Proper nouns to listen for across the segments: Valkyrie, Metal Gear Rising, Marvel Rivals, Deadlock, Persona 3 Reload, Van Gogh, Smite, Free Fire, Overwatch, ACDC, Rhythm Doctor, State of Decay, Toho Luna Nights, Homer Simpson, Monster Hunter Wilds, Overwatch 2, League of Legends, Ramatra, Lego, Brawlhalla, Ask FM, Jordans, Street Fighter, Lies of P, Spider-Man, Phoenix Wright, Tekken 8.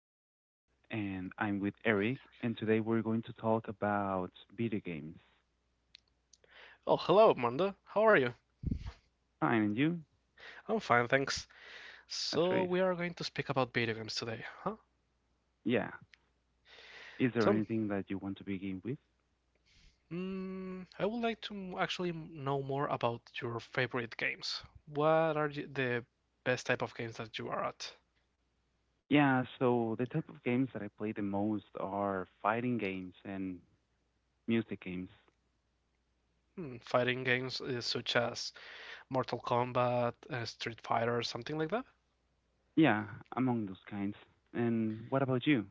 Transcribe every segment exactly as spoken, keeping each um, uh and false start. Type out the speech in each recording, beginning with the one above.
Armando and I'm with Eric, and today we're going to talk about video games. Oh, hello, Amanda. How are you? Fine, and you? I'm fine, thanks. That's So, great. we are going to speak about video games today, huh? Yeah. Is there Tell me, anything that you want to begin with? mm, I would like to m- actually know more about your favorite games. What are y- the best type of games that you are at? Yeah, so the type of games that I play the most are fighting games and music games. Hmm, fighting games uh, such as Mortal Kombat, uh, Street Fighter, something like that? Yeah, among those kinds. And what about you?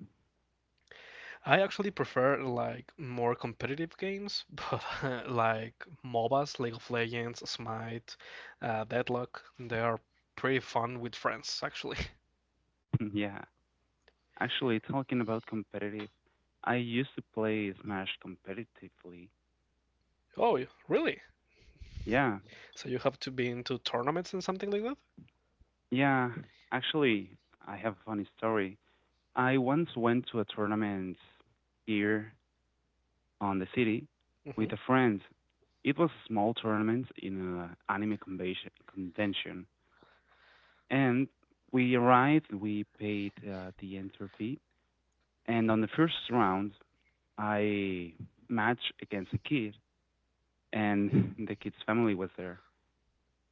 I actually prefer like more competitive games, but uh, like MOBAs, League of Legends, Smite, uh, Deadlock, they are pretty fun with friends actually. Yeah, actually, talking about competitive, I used to play Smash competitively. Oh, y- really? Yeah, So you have to be into tournaments and something like that? yeah, actually, I have a funny story. I once went to a tournament here on the city Hmm. with a friend. It was a small tournament in an anime convention, convention, and we arrived. We paid uh, the entry fee, and on the first round, I matched against a kid, and the kid's family was there.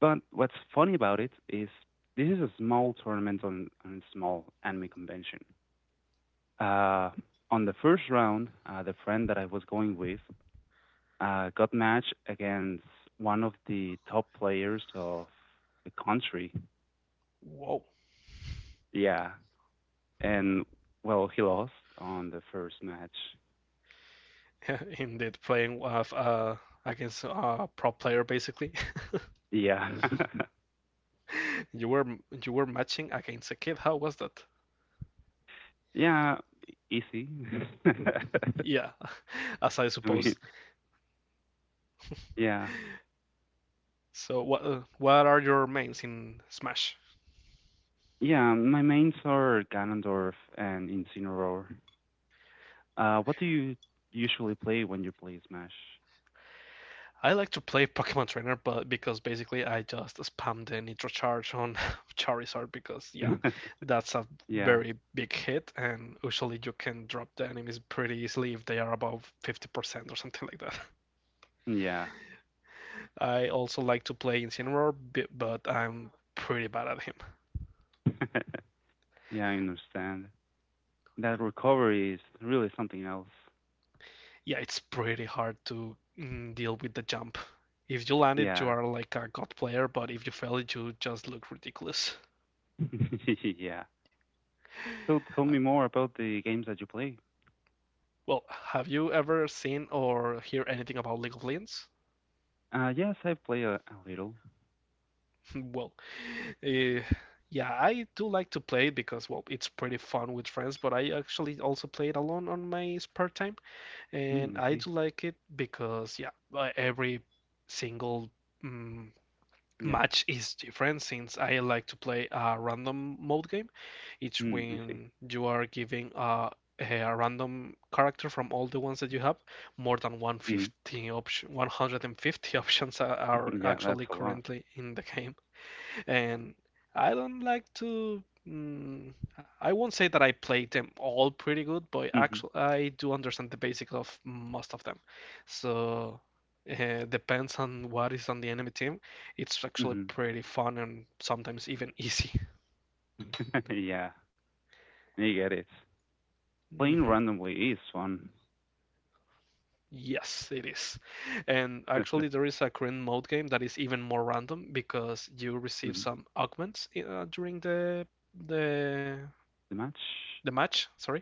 But what's funny about it is this is a small tournament on, on a small anime convention. Uh, on the first round, uh, the friend that I was going with uh, got matched against one of the top players of the country. Whoa. Yeah, and well, he lost on the first match. Indeed, playing uh, f- uh, against a pro player basically. Yeah, You were you were matching against a kid. How was that? yeah, easy. Yeah, as I I mean, suppose. yeah, So what uh, what are your mains in Smash? yeah. My mains are Ganondorf and Incineroar. Uh, what do you usually play when you play Smash? I like to play Pokemon Trainer, but because basically I just spam the Nitro Charge on Charizard because yeah, that's a Yeah, very big hit, and usually you can drop the enemies pretty easily if they are above fifty percent or something like that. yeah. I also like to play Incineroar, but I'm pretty bad at him. Yeah, I understand. That recovery is really something else. Yeah, it's pretty hard to mm, deal with the jump. If you land it, you Yeah. are like a god player, but if you fail it, you just look ridiculous. Yeah. So tell me more about the games that you play. Well, have you ever seen or hear anything about League of Legends? Uh, yes, I play a, a little. Well, eh, yeah, I do like to play it because, well, it's pretty fun with friends, but I actually also play it alone on my spare time. Mm, And I I see. do like it because, yeah, uh, every single mm, Yeah. match is different since I like to play a random mode game. It's Mm, I see. when you are giving a a random character from all the ones that you have more than 150 Mm. option, one hundred fifty options are, are Yeah, that's actually a lot. currently in the game, and I don't like to. Mm, I won't say that I play them all pretty good, but Hmm. actually I do understand the basics of most of them. So uh, depends on what is on the enemy team. It's actually Hmm. pretty fun and sometimes even easy. Yeah, I get it. Playing Hmm. randomly is fun. Yes, it is. And Mhm. actually, there is a current mode game that is even more random because you receive some augments i- uh, during the the The match? the match, sorry,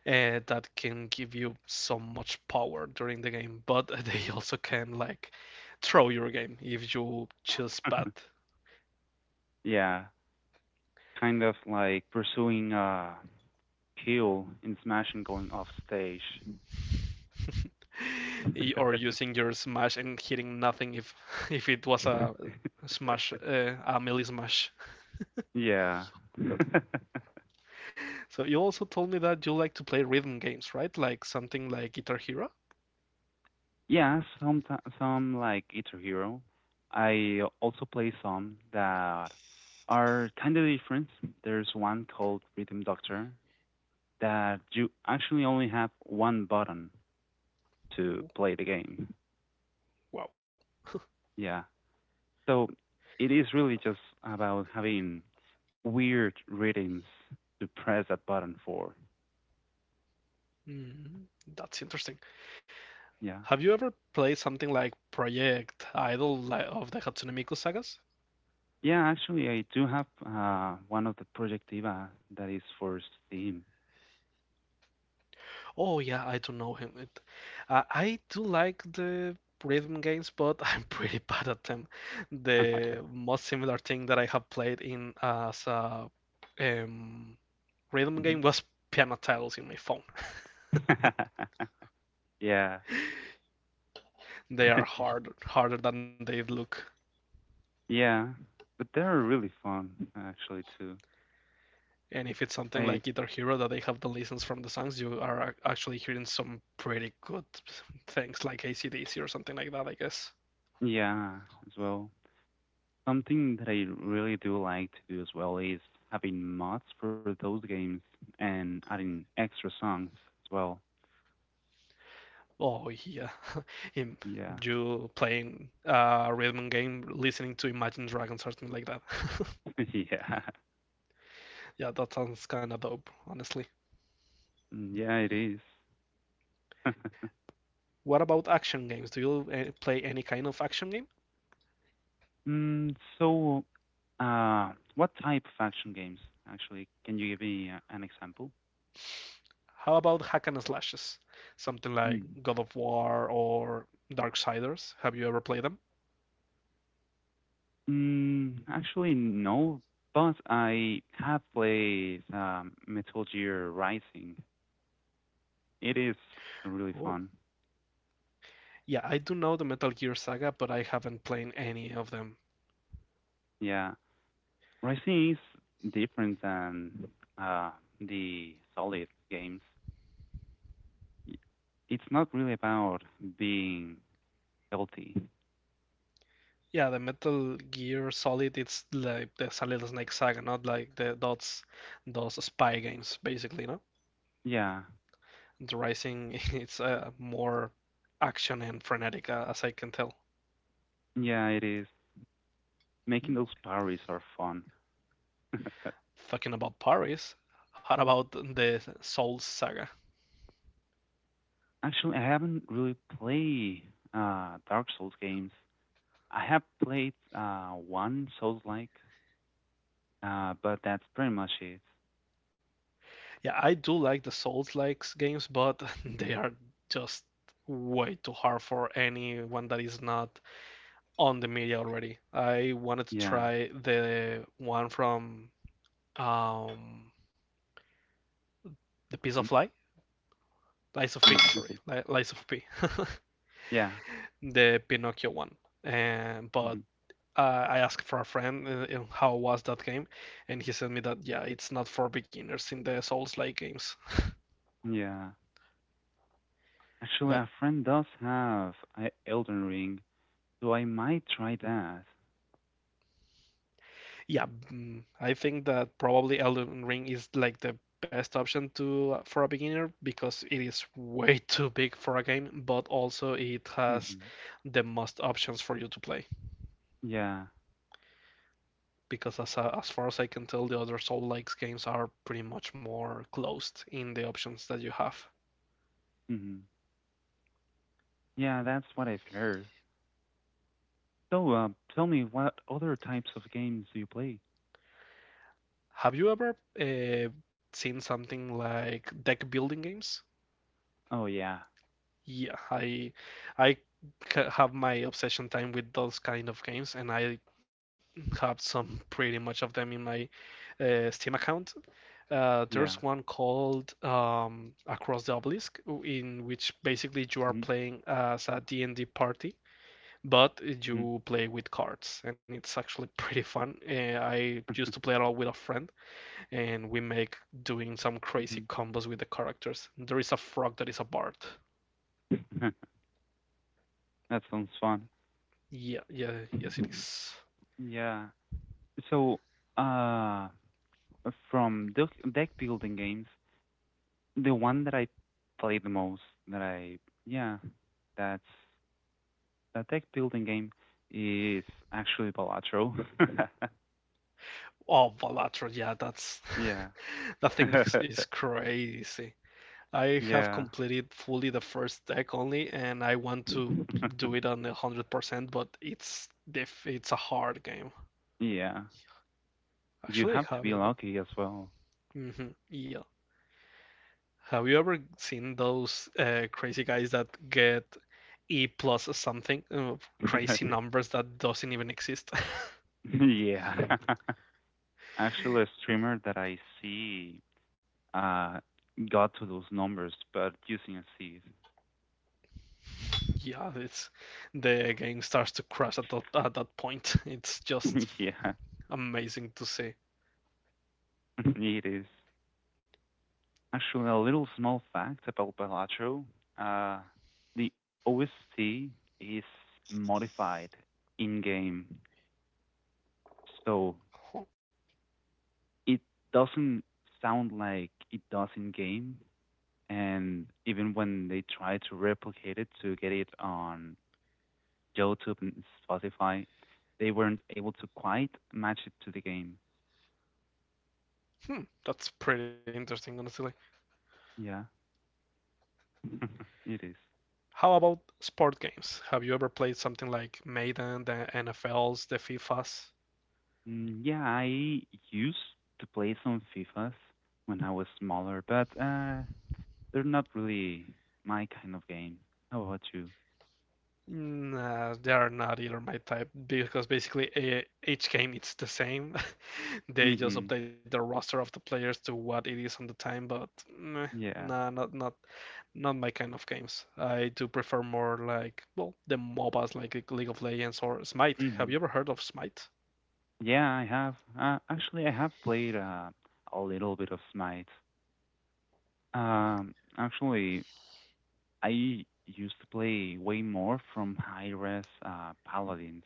uh, that can give you so much power during the game, but they also can like throw your game if you choose bad. Yeah, kind of like pursuing a kill in Smash and going off stage. Y- Or using your smash and hitting nothing if if it was a smash uh, a melee smash. Yeah. So you also told me that you like to play rhythm games, right? Like something like Guitar Hero? Yeah, some some like it's a hero. I also play some that are kind of different. There's one called Rhythm Doctor that you actually only have one button to play the game. Wow. Yeah. So it is really just about having weird rhythms to press that button for. Mm, that's interesting. Yeah. Have you ever played something like Project Idol li- of the Hatsune Miku sagas? Yeah, actually, I do have uh, one of the Project Diva that is for Steam. Oh yeah, I do know him. It, uh, I do like the rhythm games, but I'm pretty bad at them. The most similar thing that I have played in as a um, rhythm Mhm. game was Piano Tiles in my phone. Yeah. They are hard, harder than they look. Yeah, but they're really fun actually too. And if it's something I like Guitar Hero that they have the license from the songs, you are actually hearing some pretty good things like A C D C or something like that, I guess. Yeah, as well. Something that I really do like to do as well is having mods for those games and adding extra songs as well. Oh yeah, Yeah. you playing a rhythm game, listening to Imagine Dragons or something like that. Yeah. Yeah, that sounds kind of dope, honestly. Mm, yeah, it is. What about action games? Do you uh, play any kind of action game? Mm, so, uh, what type of action games actually? Can you give me uh, an example? How about hack and slashes? Something like Mm. God of War or Darksiders. Have you ever played them? Mm, actually, no, but I have played um, Metal Gear Rising. It is really Oh. fun. Yeah, I do know the Metal Gear Saga, but I haven't played any of them. Yeah, Rising is different than uh, the Solid games. Y- It's not really about being healthy. Yeah, the Metal Gear Solid, it's like the Solid Snake Saga, not like the those those spy games, basically, no? Yeah, The Rising, it's uh, more action and frenetic, uh, as I can tell. yeah, it is. Making Mm. those parries are fun. Talking about Paris, how about the Souls Saga? Actually, I haven't really played uh, Dark Souls games. I have played uh, one Souls-like, uh, but that's pretty much it. Yeah, I do like the Souls-like games, but Hmm. they are just way too hard for anyone that is not on the media already. I wanted to Yeah. try the one from um, the Piece Mm. of Light, Lies of P, Mm, sorry, okay. Li- Lies of P, Yeah. the Pinocchio one. And but Hmm. uh, I asked for a friend uh, how was that game, and he said me that yeah, it's not for beginners in the Souls-like games. Yeah. Actually, a friend does have a Elden Ring, so I might try that. Yeah, mm, I think that probably Elden Ring is like the best option to uh, for a beginner because it is way too big for a game, but also it has Hmm. the most options for you to play. Yeah. Because as a- as far as I can tell, the other Soul-like games are pretty much more closed in the options that you have. Hmm. Yeah, that's what I've heard. So, uh, tell me, what other types of games do you play? Have you ever uh, seen something like deck building games? Oh, yeah. Yeah, I I ca- have my obsession time with those kind of games, and I have some pretty much of them in my uh, Steam account. Uh, there's Yeah. one called um, Across the Obelisk, in which basically you are Hmm. playing as a D and D party, but Hmm. you play with cards, and it's actually pretty fun. Uh, I used to play it all with a friend, and we make doing some crazy combos with the characters. There is a frog that is a bard. That sounds fun. Yeah, yeah, yes, it is. Yeah. So, uh, from deck deck building games, the one that I play the most, that I yeah, that's that deck building game is actually Balatro. Oh, Balatro, yeah, that's Yeah, that thing is, is crazy. I have yeah, completed fully the first deck only, and I want to do it on one hundred percent, but it's diff- it's a hard game. yeah. You Actually, have I to have be it. lucky as well. Hmm. Yeah. Have you ever seen those uh, crazy guys that get E plus something, uh, crazy numbers that doesn't even exist? Yeah. Actually, a streamer that I see uh got to those numbers, but using a seed. Yeah, it's the game starts to crash at that, at that point. It's just Yeah, amazing to see. it is. Actually, a little small fact about Balatro. Uh, the O S T is modified in game, so Huh. it doesn't sound like it does in game. And even when they try to replicate it to get it on YouTube and Spotify, they weren't able to quite match it to the game. Hmm, that's pretty interesting, honestly. Yeah, it is. How about sport games? Have you ever played something like Madden, the N F Ls, the FIFAs? Mm, yeah, I used to play some FIFAs when I was smaller, but uh, they're not really my kind of game. How about you? Nah, they are not either my type because basically eh, each game it's the same. They just Mm-hmm. update the roster of the players to what it is on the time, but meh, Yeah. nah, not not not my kind of games. I do prefer more like well the MOBAs like League of Legends or Smite. Mm-hmm. Have you ever heard of Smite? Yeah, I have. Uh, actually, I have played uh, a little bit of Smite. Um, actually, I used to play way more from high res uh, paladins.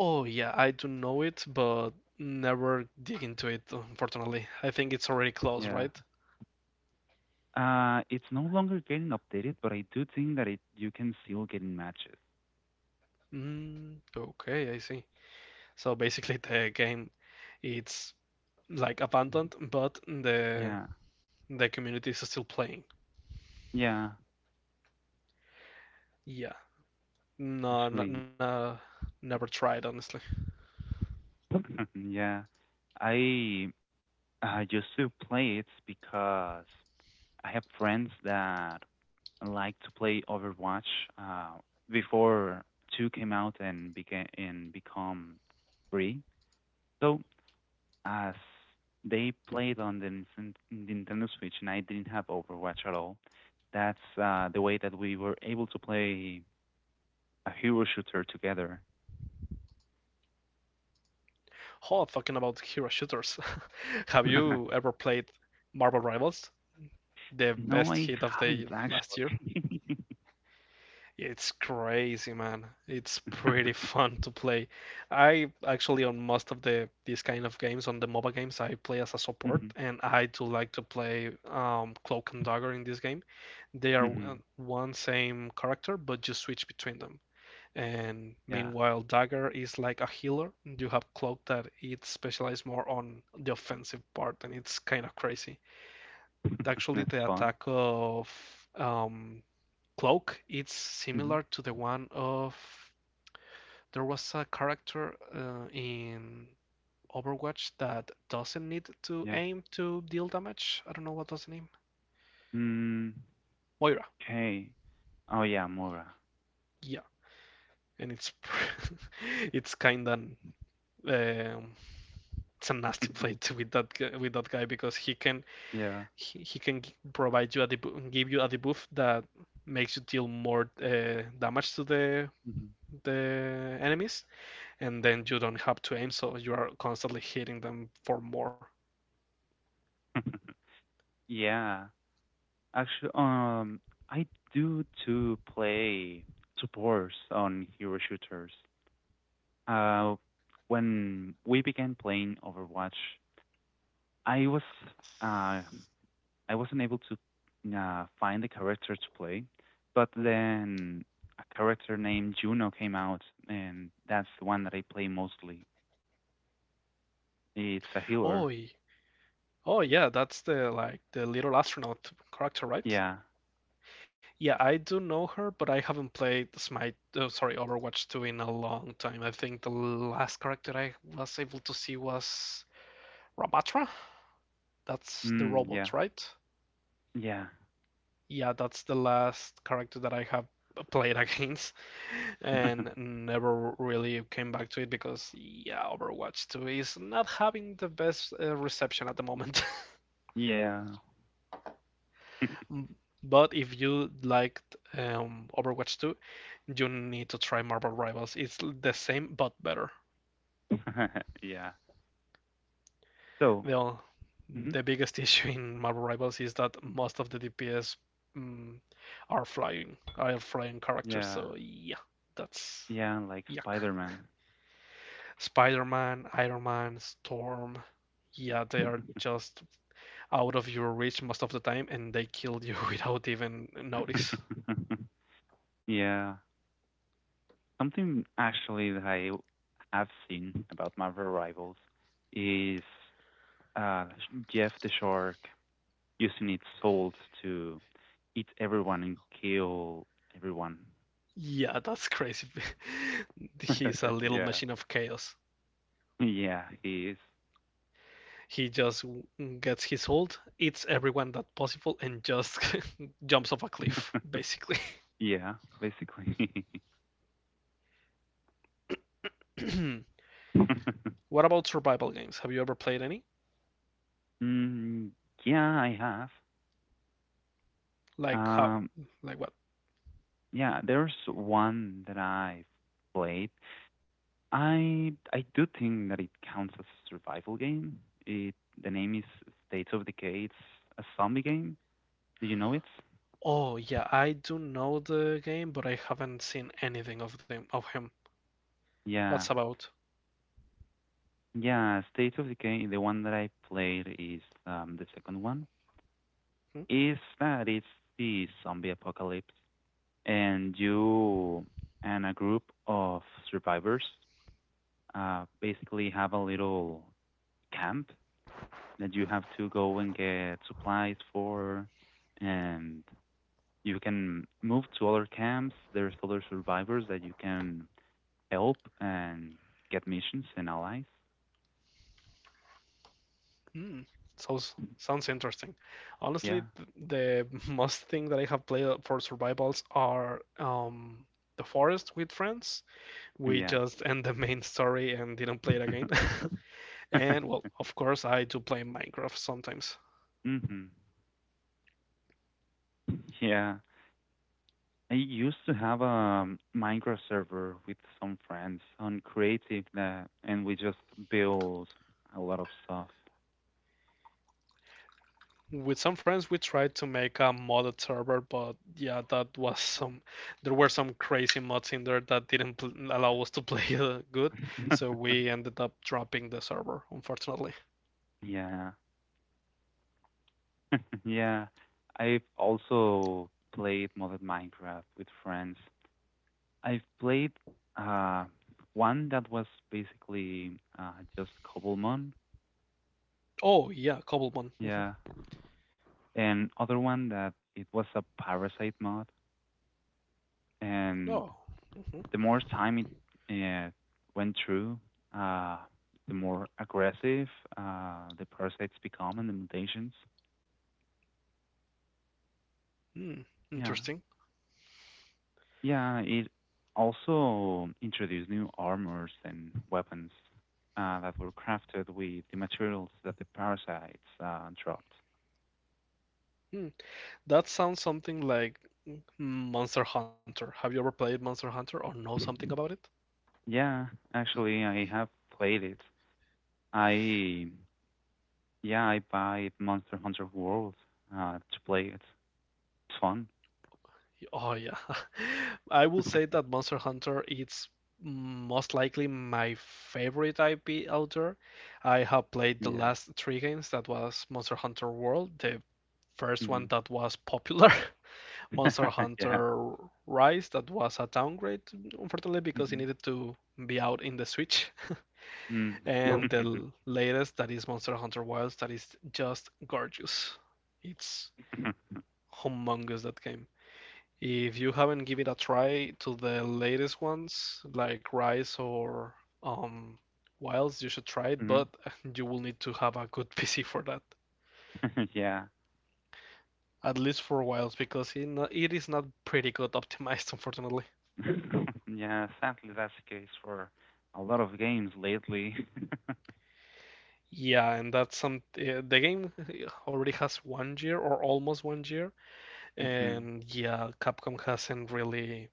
Oh yeah, I do know it, but never dig into it, unfortunately. I think it's already closed, Yeah. right? Uh, it's no longer getting updated, but I do think that it you can still get in matches. Mm, okay, I see. So basically the game it's like Mhm. abandoned, but the Yeah. the community is still playing. Yeah, Yeah. No, no, actually, no, never tried, honestly. yeah. I I used to play it because I have friends that like to play Overwatch uh, before two came out and became and become free. So as they played on the Ninten- Nintendo Switch and I didn't have Overwatch at all, that's uh, the way that we were able to play a hero shooter together. Oh, talking about hero shooters. Have you ever played Marvel Rivals? The No, best I hit of haven't the last year? actually. It's crazy, man. It's pretty fun to play. I actually on most of the these kind of games, on the MOBA games, I play as a Mhm, support, and I do like to play um, Cloak and Dagger in this game. They are mhm. uh, one same character, but you switch between them. And Yeah, meanwhile, Dagger is like a healer. And You have Cloak that it's specialized more on the offensive part, and it's kind of crazy. Actually, that's the fun. attack of um, cloak. It's Mhm, similar to the one of there was a character uh, in Overwatch that doesn't need to yeah. aim to deal damage. I don't know what was the name. Mm, Moira. okay. Oh yeah, Mora. Yeah, and it's it's kind of um, it's a nasty play with that with that guy because he can Yeah. he, he can provide you a debu- give you a debuff that makes you deal more uh, damage to the Mhm. the enemies and then you don't have to aim, so you are constantly hitting them for more. Yeah. Actually, um, I do to play supports on hero shooters. Uh, when we began playing Overwatch, I was uh I wasn't able to uh, find the character to play, but then a character named Juno came out, and that's the one that I play mostly. It's a Oh, healer. oh yeah, that's the like the little astronaut character, right? Yeah. Yeah, I do know her, but I haven't played Smite. Oh, sorry, Overwatch two in a long time. I think the last character I was able to see was Ramatra. That's the Mm, yeah. robot, right? Yeah. Yeah, that's the last character that I have played against and never really came back to it because, yeah, Overwatch two is not having the best uh, reception at the moment. Yeah. But if you liked um, Overwatch two, you need to try Marvel Rivals. It's the same but better. Yeah. So, The, mhm. the biggest issue in Marvel Rivals is that most of the D P S mm, are flying, are flying characters, Yeah. so yeah, that's Yeah, like yuck. Spider-Man. Spider-Man, Iron Man, Storm. Yeah, they are just out of your reach most of the time, and they kill you without even notice. Yeah. Something actually that I have seen about Marvel Rivals is uh, Jeff the shark using its souls to eat everyone and kill everyone. Yeah, that's crazy. He's a little Yeah. machine of chaos. Yeah, he He just gets his ult, eats everyone that possible, and just jumps off a is. cliff, basically. Yeah, basically. What about survival games? Have you ever played any? Mm, yeah, I have. Like how? Um, Like what? yeah, there's one that I've played. I I do think that it counts as a survival game. It The name is States of Decay. It's a zombie game. Do you know it? Oh yeah, I do know the game, but I haven't seen anything of them of him. What's Yeah. about? Yeah, State of Decay, the one that I played is um, the second one. Hmm? Is that it's the zombie apocalypse, and you and a group of survivors uh, basically have a little camp that you have to go and get supplies for, and you can move to other camps. There's other survivors that you can help and get missions and allies. Hmm. Sounds sounds interesting. Honestly, Yeah, th- the most thing that I have played for survivals are um, the forest with friends. We yeah. just end the main story and didn't play it again. And well, of course, I do play Minecraft sometimes. Mhm. Yeah. I used to have a um, micro server with some friends on Creative that, and we just build a lot of stuff. With some friends, we tried to make a modded server, but yeah, that was some. There were some crazy mods in there that didn't pl- allow us to play uh, good, so we ended up dropping the server, unfortunately. Yeah. Yeah. I've also played modded Minecraft with friends. I've played uh one that was basically uh just Cobblemon. Oh, yeah, Cobblemon. Mhm. Yeah. And other one that it was a Parasite mod and Oh, hmm. the more time it uh, went through, uh, the more aggressive uh, the parasites become and the mutations. Hmm, Yeah, interesting. yeah. It also introduced new armors and weapons uh, that were crafted with the materials that the parasites uh, dropped. Hmm. That sounds something like mm, Monster Hunter. Have you ever played Monster Hunter or know something about it? Yeah, actually, I have played it. I Yeah, I buy Monster Hunter World uh, to play it. It's fun. Oh, yeah. I will say that Monster Hunter is most likely my favorite I P out there. I have played the Yeah. last three games that was Monster Hunter World, the first Hmm. one that was popular. Monster Yeah. Hunter Rise that was a downgrade, unfortunately, because it Mhm. needed to be out in the Switch. Mm. And the latest that is Monster Hunter Wilds that is just gorgeous. It's humongous that game. If you haven't given it a try to the latest ones like Rise or um, Wilds, you should try it, Mhm. but you will need to have a good P C for that. Yeah. At least for Wilds, because it, no- it is not pretty good optimized, unfortunately. Yeah, sadly, that's the case for a lot of games lately. Yeah, and that's some. Uh, the game already has one year or almost one year, Hmm. and yeah, Capcom hasn't really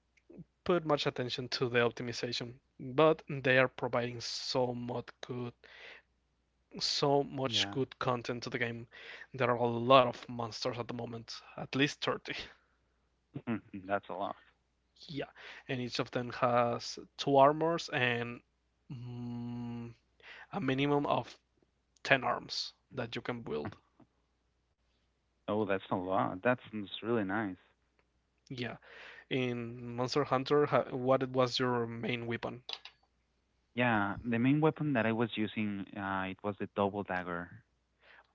put much attention to the optimization, but they are providing so much good, so much Yeah. good content to the game. There are a lot of monsters at the moment, at least thirty. That's a lot. Yeah, and each of them has two armors and mm, a minimum of ten arms that you can build. Oh, that's a lot. That's, that's really nice. Yeah, in Monster Hunter, ha- what was your main weapon? Yeah, the main weapon that I was using, uh, it was the double dagger.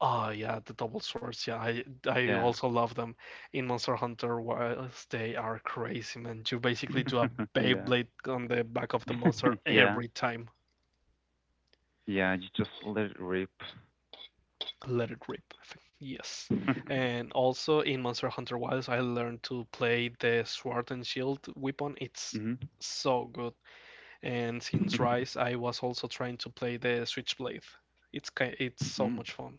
Oh yeah, the double swords. Yeah, I I Yeah. also love them in Monster Hunter. Was they are crazy, man. You basically do a Yeah. Beyblade on the back of the monster Yeah. every time. Yeah, you just let it rip. Let it rip. Yes. And also in Monster Hunter Wilds, I learned to play the sword and shield weapon. It's Hmm. so good. And since Rise, I was also trying to play the Switchblade. It's ki- it's so Mm. much fun.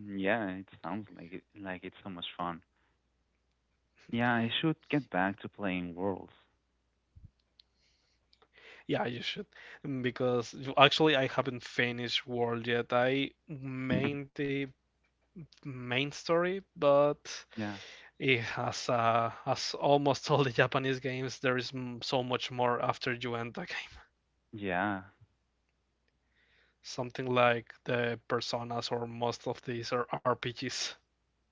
Mm, yeah, it sounds like it like it's so much fun. Yeah, I should get back to playing Worlds. Yeah, you should. Mm, Because you- actually, I haven't finished World yet. I main the main story, but Yeah. it has uh, as almost all the Japanese games, there is m so much more after you end the game. Yeah. Something like the Personas or most of these are R P Gs.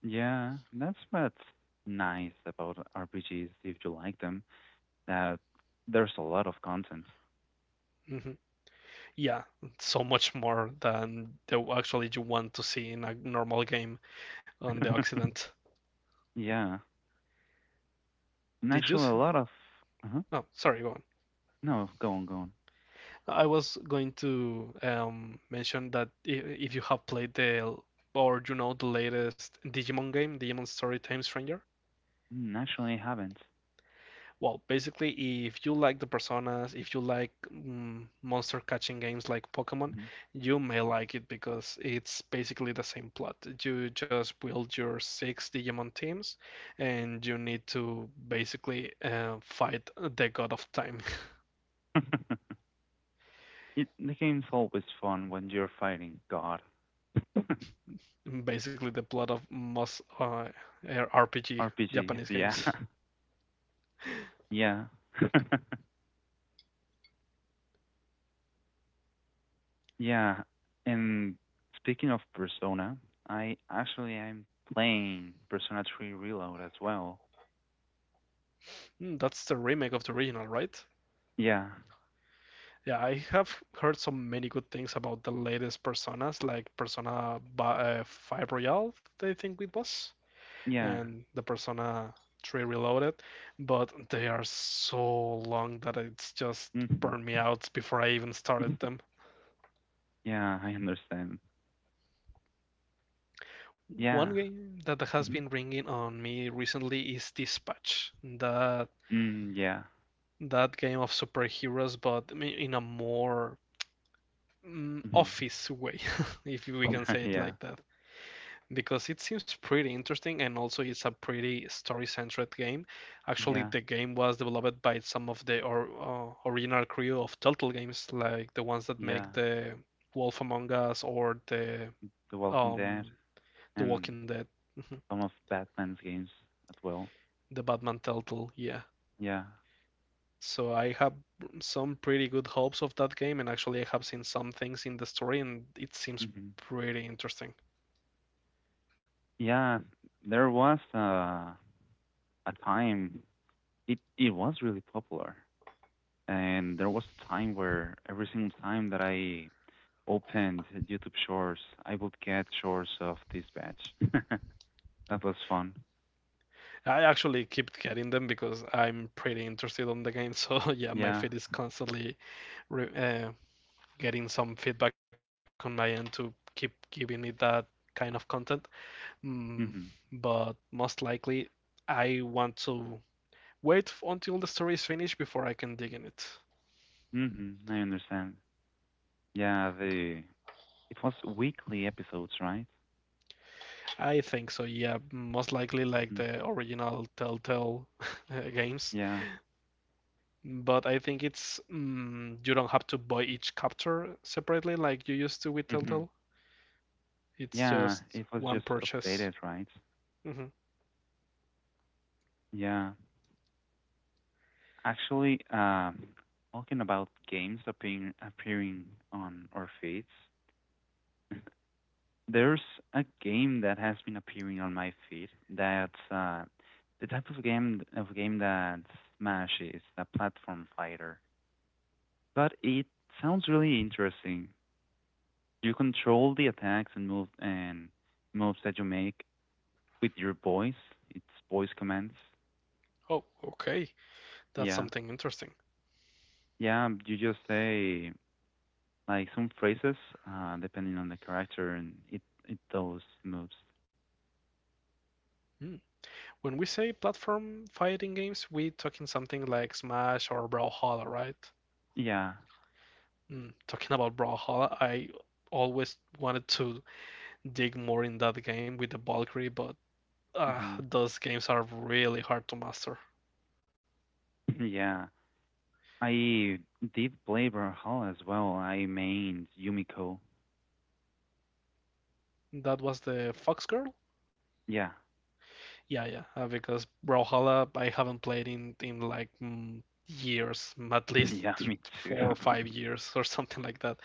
Yeah. That's what's nice about R P Gs if you like them, that there's a lot of content. Hmm. Yeah, so much more than the actually you want to see in a normal game on the Occident. Yeah. And Did you? actually s- a lot of uh-huh. Oh, sorry, go on. No, go on, go on. I was going to um, mention that if, if you have played the or you know the latest Digimon game, Digimon Story Time Stranger. Mm, actually I haven't. Well, basically, if you like the personas, if you like mm, monster catching games like Pokemon, Mhm. you may like it because it's basically the same plot. You just build your six Digimon teams, and you need to basically uh, fight the God of Time. It, the game's always fun when you're fighting God. Basically the plot of most uh, R P G R P Gs, Japanese yeah. games. Yeah. Yeah, and speaking of Persona, I actually am playing Persona three Reload as well. Mm, that's the remake of the original, right? Yeah, Yeah, I have heard so many good things about the latest Personas, like Persona uh, five Royal, I think it was, yeah. and the Persona three Reloaded, but they are so long that it's just Hmm. burned me out before I even started them. Yeah, I understand. One Yeah. game that has Hmm. been ringing on me recently is Dispatch, that Mm, yeah. that game of superheroes, but in a more mm, Hmm. office way, if we can say it Yeah, like that. Because it seems pretty interesting, and also it's a pretty story-centered game. Actually, yeah, the game was developed by some of the or, uh, original crew of Telltale games, like the ones that yeah. make the Wolf Among Us or the The Walking Dead um, The and Walking Dead, some of Batman's games as well. the Batman Telltale, yeah. Yeah. So I have some pretty good hopes of that game, and actually I have seen some things in the story, and it seems Hmm. pretty interesting. Yeah, there was uh, a time it it was really popular. And there was a time where every single time that I opened YouTube Shorts, I would get Shorts of this batch. That was fun. I actually keep getting them because I'm pretty interested on the game. So yeah, my Yeah. feed is constantly re uh, getting some feedback on my end to keep giving me that kind of content. Mm, Mhm. but most likely, I want to wait f- until the story is finished before I can dig in it. Mhm. I understand. Yeah. The it was weekly episodes, right? I think so, yeah. Most likely like Mhm. the original Telltale games. Yeah. But I think it's mm, you don't have to buy each capture separately like you used to with Mhm. Telltale. It's Yeah. just It was one just updated, purchase. right? Mhm. Yeah. Actually, um, talking about games appearing appearing on our feeds. There's a game that has been appearing on my feed that's uh, the type of game of game that Smash is, a platform fighter. But it sounds really interesting. You control the attacks and moves and moves that you make with your voice. It's voice commands. Oh, okay. That's Yeah, something interesting. yeah. You just say like some phrases uh, depending on the character, and it it does moves. Hmm. When we say platform fighting games, we are talking something like Smash or Brawlhalla, right? Yeah. Mm, talking about Brawlhalla, I always wanted to dig more in that game with the Valkyrie, but Uh, hmm. those games are really hard to master. Yeah. I did play Brawlhalla as well. I mained Yumiko. That was the Fox Girl? Yeah. Yeah, yeah. Uh, because Brawlhalla, I haven't played in, in like mm, years, mm, at least Yeah, th- me too. four or five years or something like that.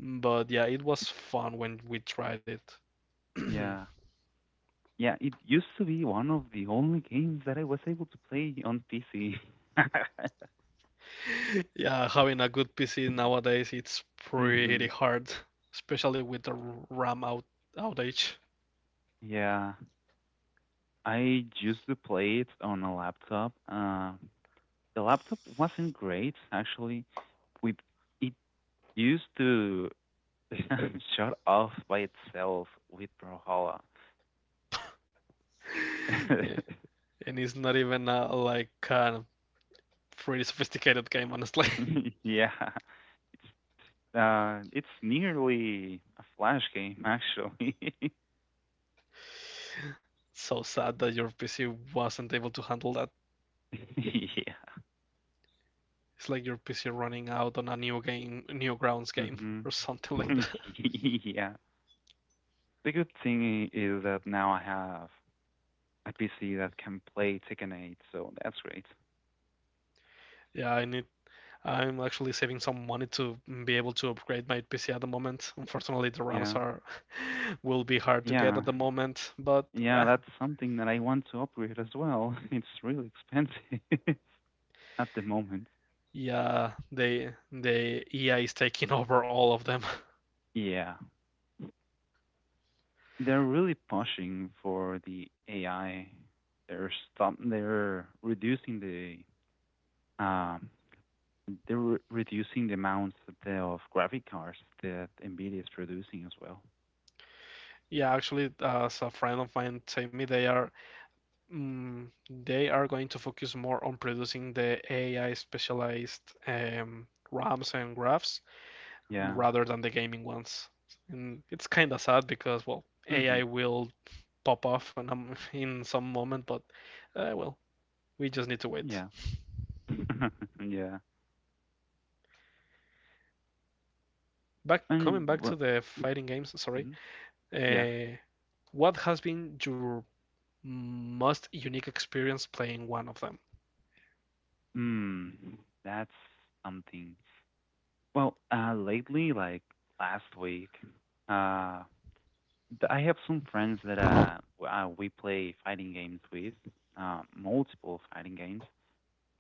But yeah, it was fun when we tried it. Yeah. Yeah, it used to be one of the only games that I was able to play on P C. Yeah, having a good P C nowadays, it's Hmm. pretty hard, especially with the r- RAM out outage. Yeah. I used to play it on a laptop. Uh, the laptop wasn't great, actually. We it used to shut off by itself with Brawlhalla. Yeah, and it's not even a, like a pretty sophisticated game, honestly. Yeah, Uh, it's nearly a flash game, actually. So sad that your P C wasn't able to handle that. Yeah. It's like your P C running out on a new game, new grounds game, Hmm. or something like that. yeah. The good thing is that now I have a P C that can play Tekken eight, so that's great. Yeah, I need. I'm actually saving some money to be able to upgrade my P C at the moment. Unfortunately, the RAMs Yeah. are will be hard to get at Yeah. the moment, but eh, Yeah, that's something that I want to upgrade as well. It's really expensive at the moment. yeah, they the E A is taking over all of them. Yeah. They're really pushing for the A I. They're stop they're reducing the um They're re- reducing the amounts of the- of graphic cards that NVIDIA is producing as well. Yeah, actually, as a friend of mine told me, they are Mm, they are going to focus more on producing the A I specialized um, RAMs and graphs Yeah. rather than the gaming ones. And it's kind of sad because, well, Hmm. A I will pop off in, um, in some moment, but uh, well, we just need to wait. Yeah. Yeah. Back And coming back to well, the fighting games, sorry. mhm. Yeah. Uh, what has been your most unique experience playing one of them? Mm, that's something. Well, uh, lately, like last week, uh, th- I have some friends that uh, w- uh we play fighting games with, uh, multiple fighting games.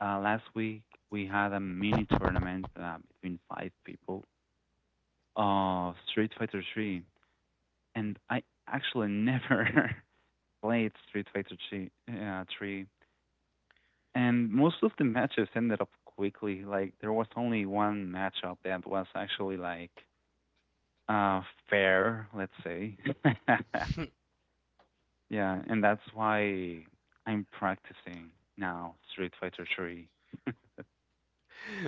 Uh, last week we had a mini tournament uh, between five people. Uh, Street Fighter three. And I actually never played Street Fighter three, uh, three. And most of the matches ended up quickly. Like, there was only one matchup that was actually, like, uh, fair, let's say. Yeah, and that's why I'm practicing now Street Fighter three.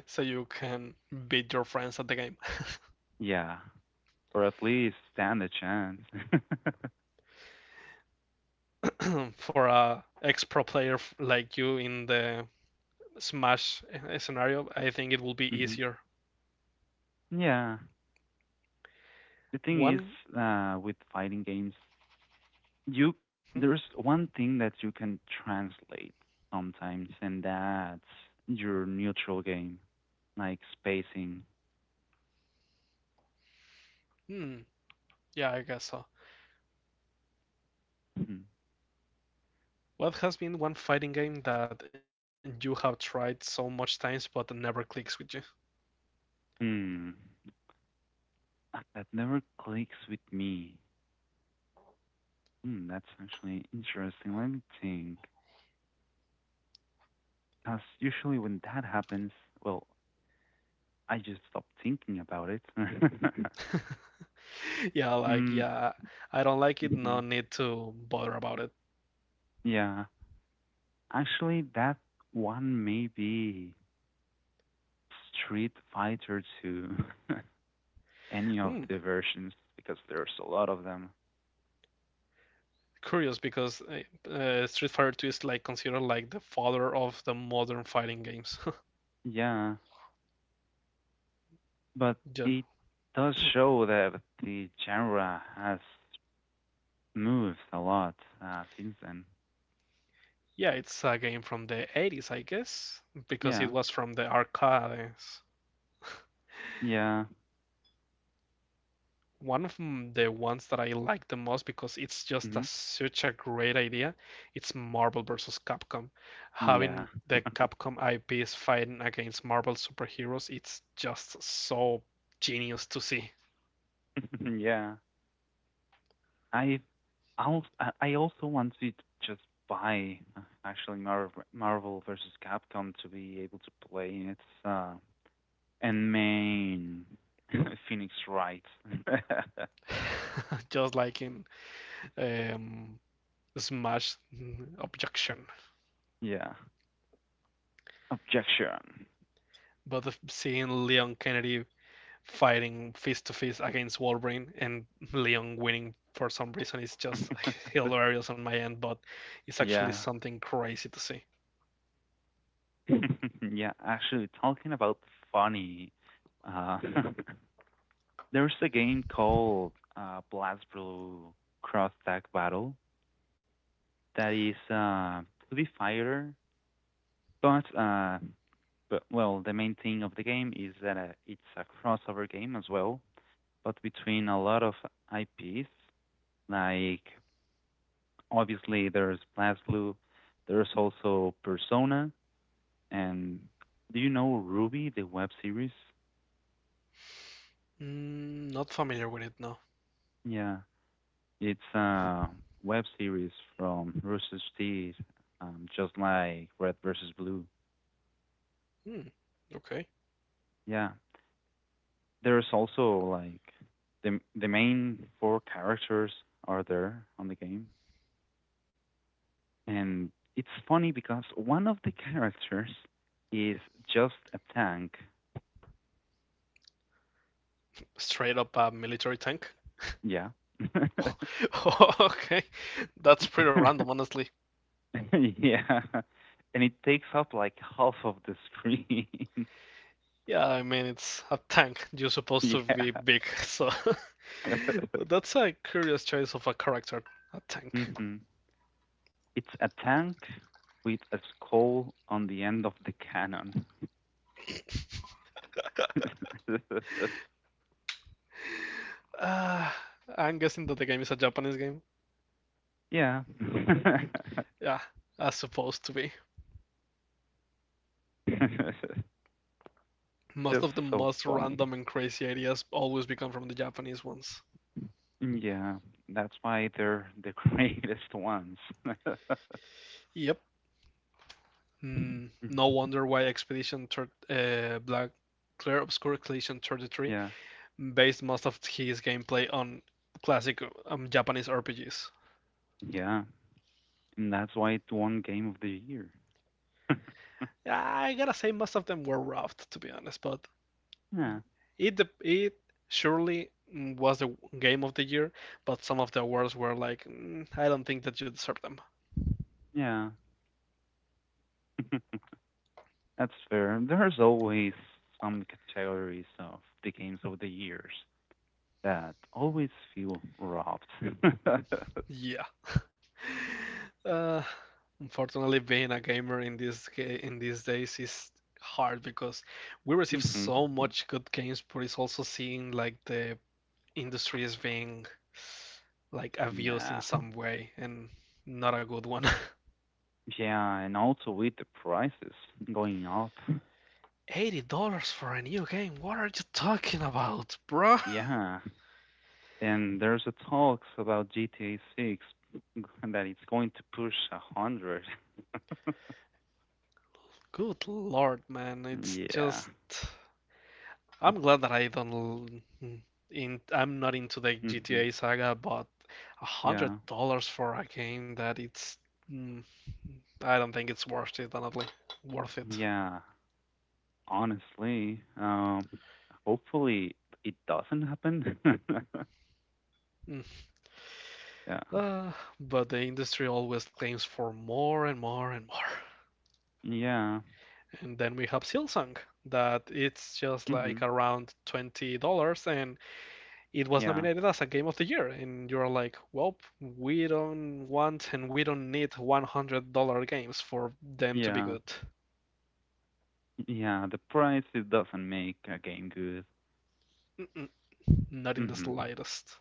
So you can beat your friends at the game. Yeah, or at least stand a chance. For a ex pro player like you in the Smash eh, scenario, I think it will be Hmm. easier. Yeah. The thing is, One, uh, with fighting games, hmm. you there's one thing that you can translate sometimes, and that's your neutral game, like spacing. Hmm, yeah, I guess so. Hmm. What has been one fighting game that you have tried so much times but never clicks with you? Hmm. That never clicks with me. Hmm, that's actually interesting, let me think, because usually when that happens, well, I just stop thinking about it. Yeah, like mm, yeah, I don't like it. hmm No need to bother about it. yeah, actually that one may be Street Fighter two. Any of Hmm, the versions, because there's a lot of them. curious because uh, uh, Street Fighter two is like considered like the father of the modern fighting games. Yeah, but Yeah. it does show that the genre has moved a lot uh, since then. Yeah, it's a game from the eighties, I guess, because it Yeah, was from the arcades. yeah, One of m- the ones that I like the most because it's just hmm, a, such a great idea. It's Marvel versus Capcom. yeah. Having the Capcom I Ps fighting against Marvel superheroes, it's just so genius to see. Yeah. I, I'll, I I also want to just buy uh, actually Marvel Marvel versus Capcom to be able to play it, uh, and main Phoenix Wright. Just like in um, Smash. Objection. Yeah. Objection. But of seeing Leon Kennedy fighting fist to fist against Wolverine and Leon winning for some reason is just hilarious on my end, but it's actually Yeah. something crazy to see. Yeah, actually, talking about funny, uh, there's a game called uh, Blast Blue Cross Tag Battle that is uh, two D fighter, but, uh, but, well, the main thing of the game is that uh, it's a crossover game as well, but between a lot of I Ps, like obviously there's Blast Blue, there's also Persona. And do you know Ruby, the web series? Mm, not familiar with it, no. Yeah, it's a web series from Rooster Teeth, um, just like Red versus Blue. Hmm, okay. Yeah, there's also like the the main four characters are there on the game, and it's funny because one of the characters is just a tank. Straight up a military tank? Yeah. Okay, that's pretty random, honestly. Yeah. And it takes up like half of the screen. Yeah, I mean, it's a tank. You're supposed to Yeah. be big, so. But that's a curious choice of a character, a tank. Mhm. It's a tank with a skull on the end of the cannon. uh, I'm guessing that the game is a Japanese game. Yeah. Yeah, as supposed to be. Most Just of the so most funny. random and crazy ideas always become from the Japanese ones. Yeah, that's why they're the greatest ones. Yep. Mm, no wonder why Expedition thir- uh, Black Clear Obscure Collection thirty-three Yeah. based most of his gameplay on classic um, Japanese R P Gs. Yeah. And that's why it won Game of the Year. I gotta say, most of them were roughed, to be honest, but Yeah. it dep- it surely mm, was the game of the year, but some of the awards were like, "Mm, I don't think that you deserve them." Yeah. That's fair. There's always some categories of the games of the years that always feel robbed. Yeah. Uh, Unfortunately, being a gamer in this ga- in these days is hard because we receive Hmm. so much good games, but it's also seeing like the industry is being like abused in Yeah. some way and not a good one. Yeah, and also with the prices going up. eighty dollars for a new game? What are you talking about, bro? Yeah. And there's a talks about G T A six that it's going to push a one hundred. Good lord, man. It's Yeah. just I'm glad that I don't l- in I'm not into the Hmm. G T A saga, but a hundred Yeah. dollars for a game that it's mm, I don't think it's worth it, honestly. Worth it. Yeah. Honestly, um, hopefully it doesn't happen. Mm. Yeah. Uh, but the industry always claims for more and more and more. Yeah. And then we have Silsung that it's just Hmm. like around twenty dollars, and it was Yeah. nominated as a game of the year, and you're like, well, we don't want and we don't need one hundred dollars games for them to be Yeah. good. Yeah, the price, it doesn't make a game good. Mm-mm, not in the Mhm. slightest.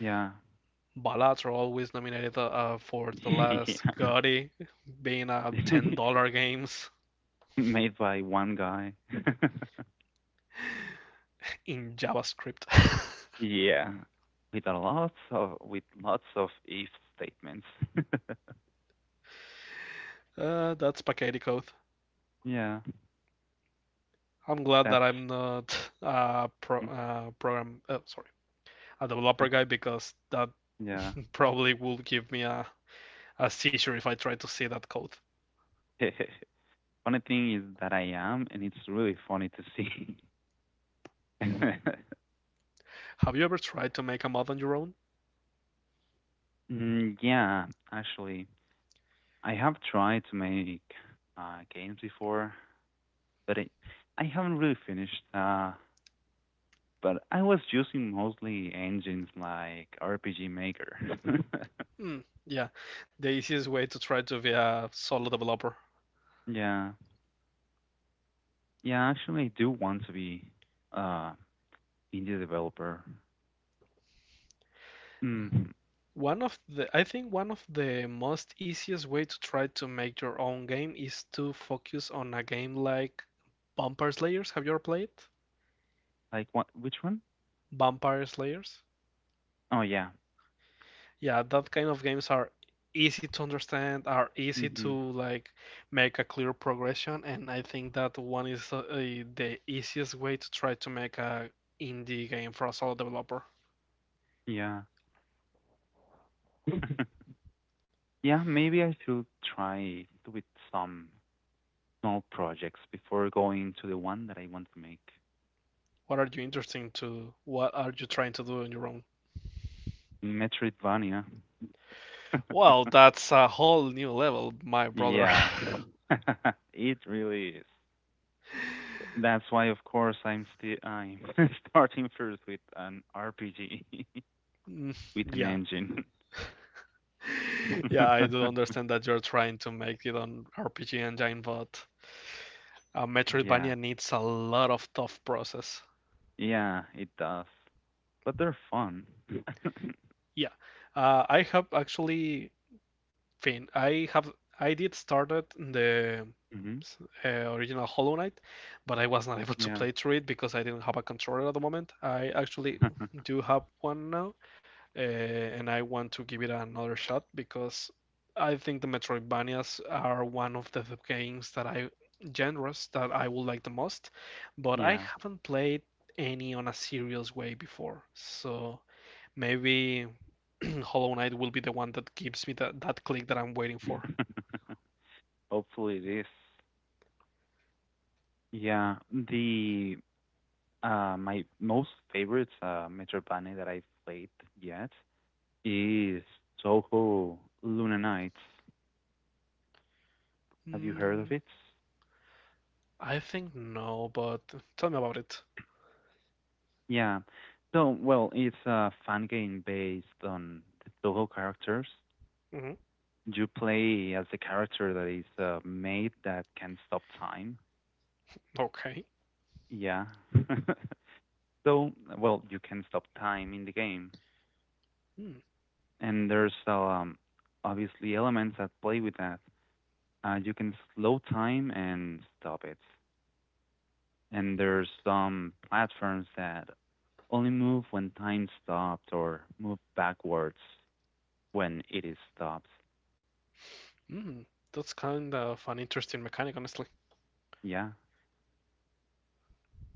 Yeah. Ballads are always nominated uh, uh, for the last Yeah. Gotti being uh, ten dollars games Made by one guy. in JavaScript. Yeah. With a lots of with lots of if statements. Uh, that's Paquetti code. Yeah. I'm glad that That's I'm not a pro- mm, uh, program, uh, sorry, a developer guy because that yeah. probably would give me a a seizure if I try to see that code. Funny thing is that I am, and it's really funny to see. Have you ever tried to make a mod on your own? Mm, yeah, actually, I have tried to make uh, games before, but it, I haven't really finished. Uh, but I was using mostly engines like R P G Maker. Hmm, yeah, the easiest way to try to be a solo developer. Yeah, yeah. Actually, I do want to be uh indie developer. Mm. One of the, I think one of the most easiest way to try to make your own game is to focus on a game like Vampire Slayers. Have you ever played Like what? Which one? Vampire Slayers? Oh yeah. Yeah, that kind of games are easy to understand, are easy to Mhm. like make a clear progression, and I think that one is uh, uh, the easiest way to try to make a indie game for a solo developer. Yeah. Yeah. Maybe I should try with some small projects before going to the one that I want to make. What are you interested to? What are you trying to do on your own? Metroidvania. Well, that's a whole new level, my brother. Yeah. It really is. That's why, of course, I'm still I'm starting first with an R P G Mm, with an yeah. engine. Yeah, I do understand that you're trying to make it on R P G Engine, but uh, Yeah, Metroidvania needs a lot of tough process. yeah, it does, but they're fun. Yeah, uh, I have actually fin I have I did started the Hmm. uh, original Hollow Knight, but I was not able to Yeah, play through it because I didn't have a controller at the moment. I actually do have one now, uh, and I want to give it another shot because I think the Metroidvanias are one of the games that I genres that I would like the most, but I yeah. haven't played any on a serious way before, so maybe Hollow Knight will be the one that gives me that, that click that I'm waiting for. Hopefully it is. Yeah, the uh my most favorite uh Metroidvania that I've played yet is Toho Luna Nights. Have you heard Mm, of it? I think no, but tell me about it. Yeah. So, well, it's a fan game based on the Toho characters. Hmm. You play as the character that is uh, made that can stop time. Okay. Yeah. So, well, you can stop time in the game, Mm, and there's um, obviously elements that play with that. Uh, you can slow time and stop it, and there's some platforms that only move when time stopped or move backwards when it is stopped. mm, that's kind of an interesting mechanic, honestly. Yeah,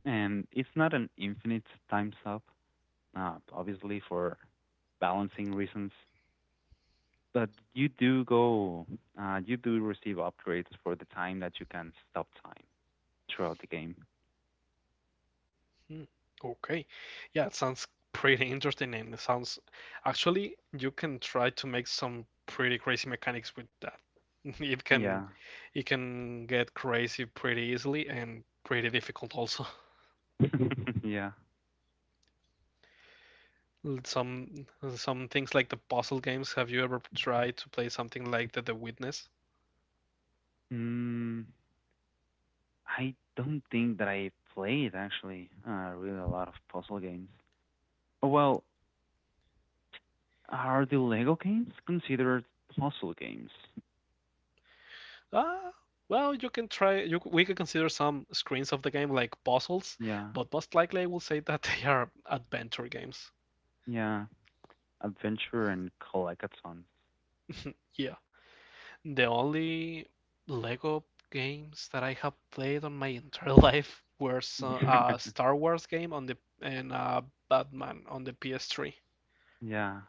and it's not an infinite times up, uh, obviously for balancing reasons. But you do go, uh, you do receive upgrades for the time that you can stop time throughout the game. Mm, okay. Yeah, it sounds pretty interesting and it sounds. Actually, you can try to make some pretty crazy mechanics with that. It can Yeah, it can get crazy pretty easily and pretty difficult also. yeah. Some some things like the puzzle games. Have you ever tried to play something like the, the Witness? Mm, I don't think that I played actually uh, really a lot of puzzle games. Oh, well, are the Lego games considered puzzle games? Ah, well, you can try. You We could consider some screens of the game like puzzles, Yeah, but most likely I will say that they are adventure games. yeah. Adventure and collectathons. Yeah, the only Lego games that I have played on my entire life were so, a Star Wars game on the and uh, Batman on the P S three. Yeah.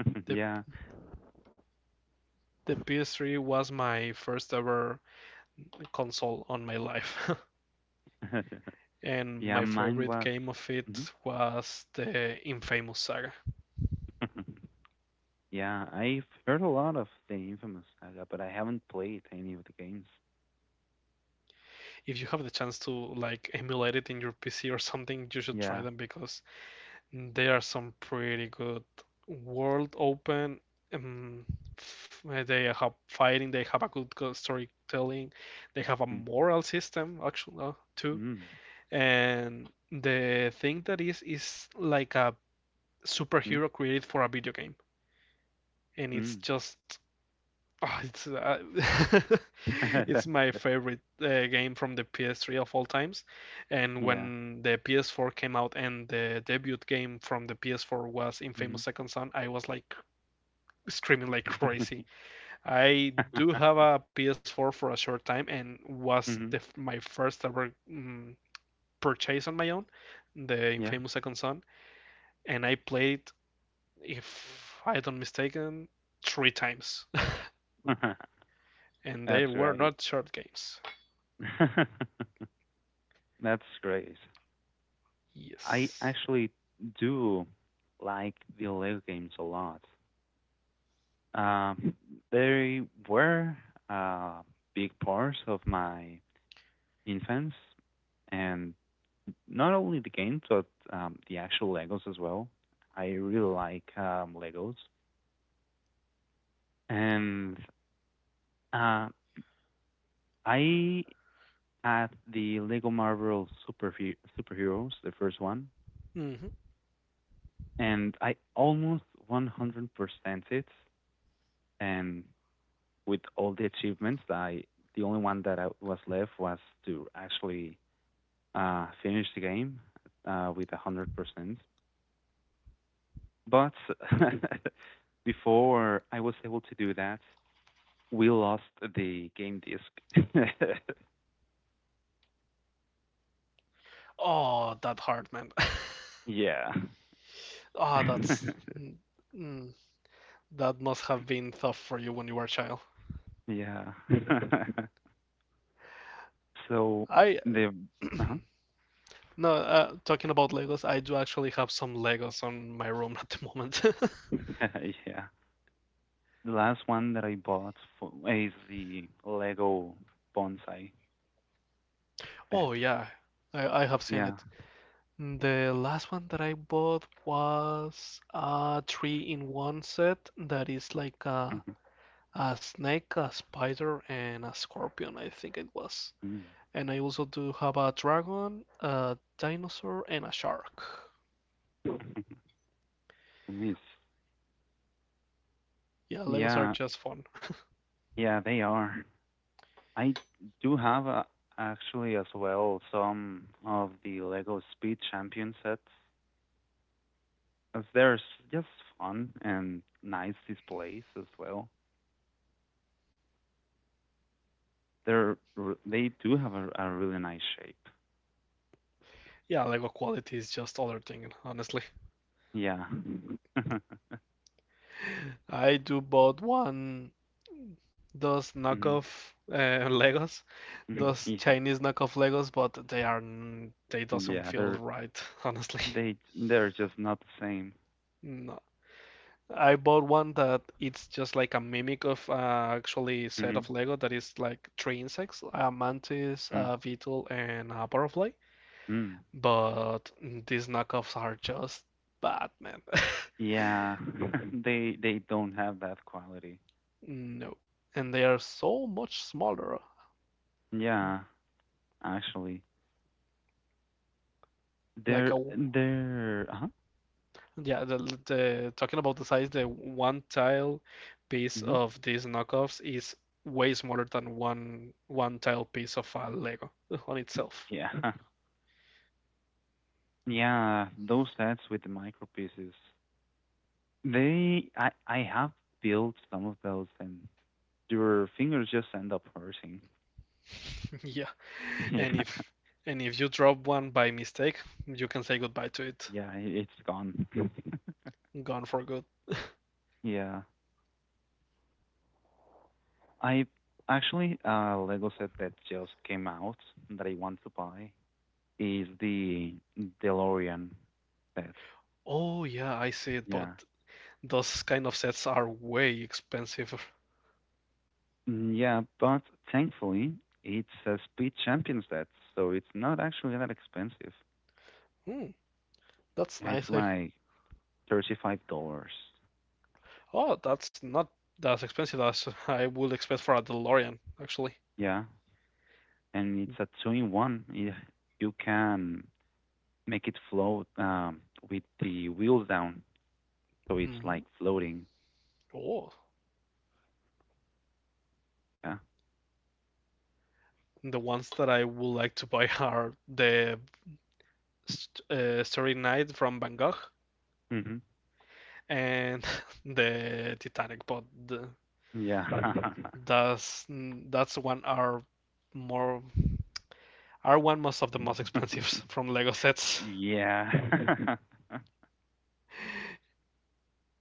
The Yeah. the P S three was my first ever console on my life. And Yeah, my mine favorite was game of it mhm. was the Infamous Saga. Yeah, I've heard a lot of the Infamous Saga, but I haven't played any of the games. If you have the chance to like emulate it in your P C or something, you should try Yeah. them because they are some pretty good world open. Um, they have fighting, they have a good storytelling, they have a Mm. moral system actually uh, too, Mm. and the thing that is is like a superhero created for a video game. And it's Mm. just oh, it's uh, it's Mm. my favorite uh, game from the P S three of all times. And Yeah. when the P S four came out and the debut game from the P S four was Infamous Mhm. Second Son, I was like screaming like crazy. I do have a P S four for a short time and was the, Mhm. my first ever mm, purchase on my own, the Yeah. Infamous Second Son, and I played if I don't mistaken, three times, and they That's were right. not short games. That's great. I Yes. actually do like the Lego games a lot. Um, they were uh, big parts of my infants, and not only the games but um, the actual Legos as well. I really like um, Legos, and uh, I had the Lego Marvel Super Superheroes, the first one, Mhm. and I almost one hundred percent it, and with all the achievements, I the only one that I was left was to actually uh, finished the game uh, with one hundred percent. But before I was able to do that, we lost the game disc. Oh, that hard, man. Yeah. Oh, that's mm, mm, that must have been tough for you when you were a child. Yeah. so I the uh-huh. No, uh, talking about Legos, I do actually have some Legos on my room at the moment. Yeah. The last one that I bought for, is the Lego bonsai set. Oh yeah, I, I have seen Yeah. it. The last one that I bought was a three in one set that is like a Mhm. a snake, a spider, and a scorpion, I think it was. Mm. And I also do have a dragon, a dinosaur, and a shark. Yes. Yeah, Legos are Yeah. just fun. Yeah, they are. I do have uh, actually as well some of the Lego Speed Champion sets, as they're s- just fun and nice displays as well. They're r- they do have a, a really nice shape. Yeah, Lego quality is just other thing, honestly. Yeah. I do bought one those Mhm. knockoff uh, Legos, Mhm. those Yeah. Chinese knockoff Legos, but they are n- they doesn't Yeah. feel They're right, honestly. they they're just not the same. No, I bought one that it's just like a mimic of uh, actually set Mhm. of Lego that is like three insects, a mantis, Mm. a beetle, and a butterfly. Mm. But these knockoffs are just bad, man. Yeah. they they don't have that quality. No. And they are so much smaller. Yeah. Actually, Like they're a they're. Uh-huh. Yeah, the the talking about the size, the one tile piece Hmm. of these knockoffs is way smaller than one one tile piece of a Lego on itself. Yeah, yeah. Those sets with the micro pieces, they I I have built some of those, and your fingers just end up hurting. Yeah. And Yeah, if and if you drop one by mistake, you can say goodbye to it. yeah. i- It's gone. Gone for good. Yeah, I actually uh Lego set that just came out that I want to buy is the DeLorean set. Oh yeah, I see it, but Yeah. those kind of sets are way expensive. Mm, Yeah, but thankfully it's a speed champion set, so it's not actually that expensive. Hmm, that's Yeah, it's nice. I, like thirty-five dollars. Oh, that's not as expensive as I would expect for a DeLorean, actually. Yeah, and it's a two-in-one. Yeah, you can make it float um, with the wheels down, so it's like Hmm. floating. Oh, Yeah. the ones that I would like to buy are the St- uh, Starry Night from Van Gogh Mhm. and the Titanic, but the, Yeah. Mm, That's mm, that's one are more are one most of the most expensive from Lego sets, Yeah.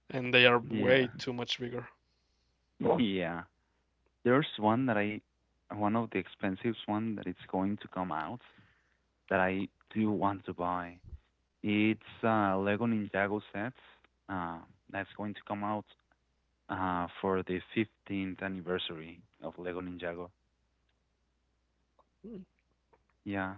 and they are Yeah. way too much bigger. Yeah. There's one that I, one of the expensive one that it's going to come out that I do want to buy. It's uh, Lego Ninjago set. Uh, that's going to come out uh, for the fifteenth anniversary of Lego Ninjago. Mm. Yeah,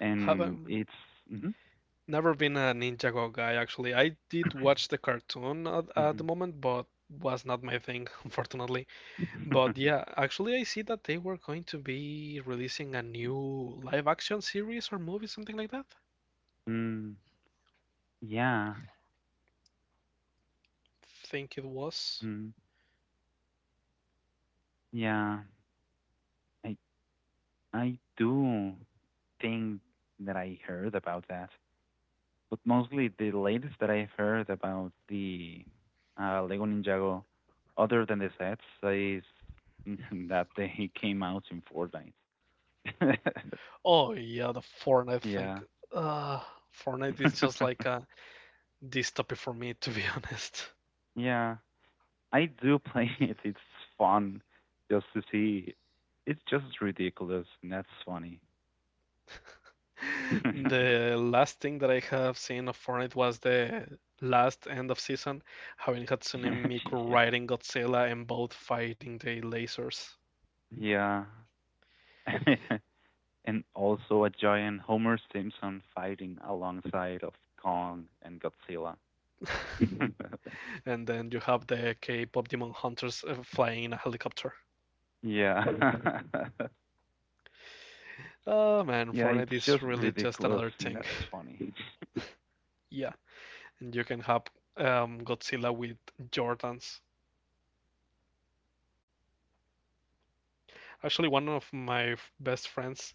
and Haven't it's mhm. never been a Ninjago guy actually. I did watch the cartoon at, at Mhm. the moment, but was not my thing unfortunately. But yeah, actually I see that they were going to be releasing a new live action series or movie, something like that. Mm, yeah, Think it was. mm, yeah. I I do think that I heard about that, but mostly the latest that I've heard about the uh, Lego Ninjago, other than the sets, is that they came out in Fortnite. Oh yeah, the Fortnite thing. Yeah. Uh, Fortnite is just like a dystopia for me, to be honest. Yeah, I do play it. It's fun just to see. It's just ridiculous, and that's funny. The last thing that I have seen of Fortnite was the last end of season, having Hatsune Miku Yeah. riding Godzilla and both fighting the lasers. Yeah. And also a giant Homer Simpson fighting alongside of Kong and Godzilla. And then you have the K-pop Demon Hunters uh, flying in a helicopter. Yeah. Oh man, Yeah, it's Fortnite is just really just ridiculous, another and thing. that's funny. Yeah, and you can have um, Godzilla with Jordans. Yeah, the Lego Actually, one Ninjago of sets that's my f- going best to friends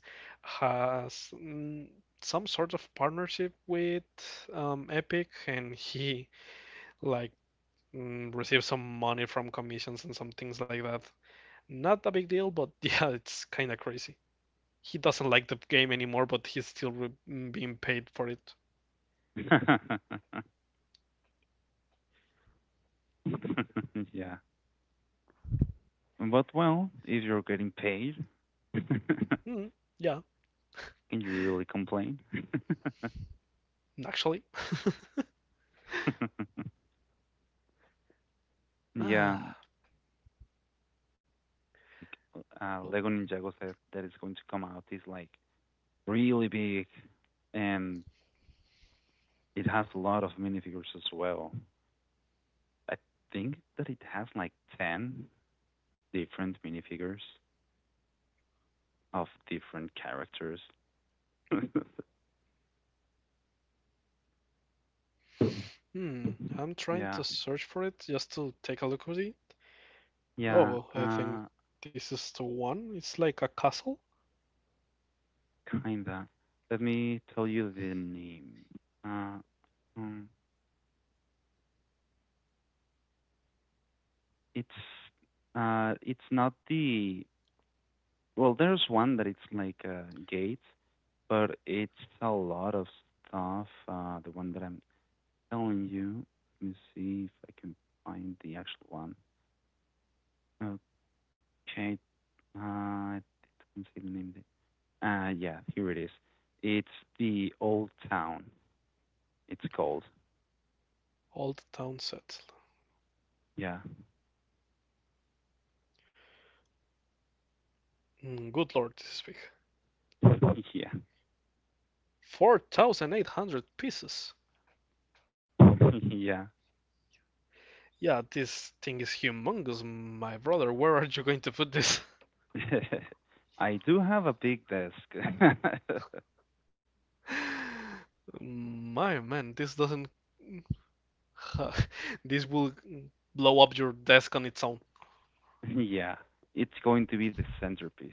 come out has mm, some sort of partnership is with um, just Epic, and like he a big like set with a mm, lot of receives some money minifigures from as well. commissions and some things like that. Not a big deal, but yeah, it's kind of crazy. He doesn't like the game anymore, but he's still re mm, being paid for it. Yeah. But well, if you're getting paid, can Mm, yeah, you really complain? actually. Yeah, Ah, the actual like uh, well, Lego Ninjago set that is going to come out is like really big, and it has a lot of minifigures as well. I think that it has like ten different minifigures of different characters. hmm. I'm trying Yeah, to search for it just to take a look at it. yeah, Oh, I think uh, this is the one. It's like a castle. kinda. Let me tell you the name. Uh, um, it's uh, it's not the well. There's one that it's like a gate, but it's a lot of stuff. Uh, the one that I'm telling you. Let me see if I can find the actual one. Okay, uh, I did not see the name. Uh, yeah, here it is. It's the old town. It's called. Old Town Set. Yeah. Mm, good lord, this is big. Yeah. four thousand eight hundred pieces. Yeah. Yeah, this thing is humongous, my brother. Where are you going to put this? I do have a big desk. My man, this doesn't. This will blow up your desk on its own. Yeah. It's going to be the centerpiece.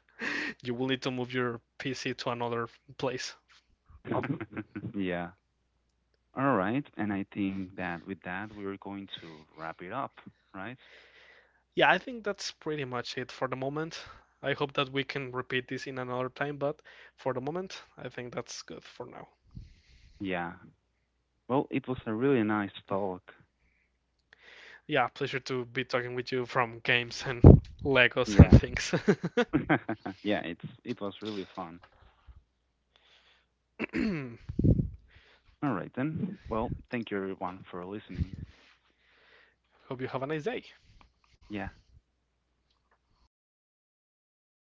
You will need to move your P C to another place. Yeah. All right. And I think that with that, we're going to wrap it up, right? Yeah, I think that's pretty much it for the moment. I hope that we can repeat this in another time, but for the moment, I think that's good for now. Yeah. Well, it was a really nice talk. Yeah, pleasure to be talking with you from games and Legos and Yeah. things. Yeah, it's it was really fun. All right then. Well, thank you everyone for listening. Hope you have a nice day. Yeah.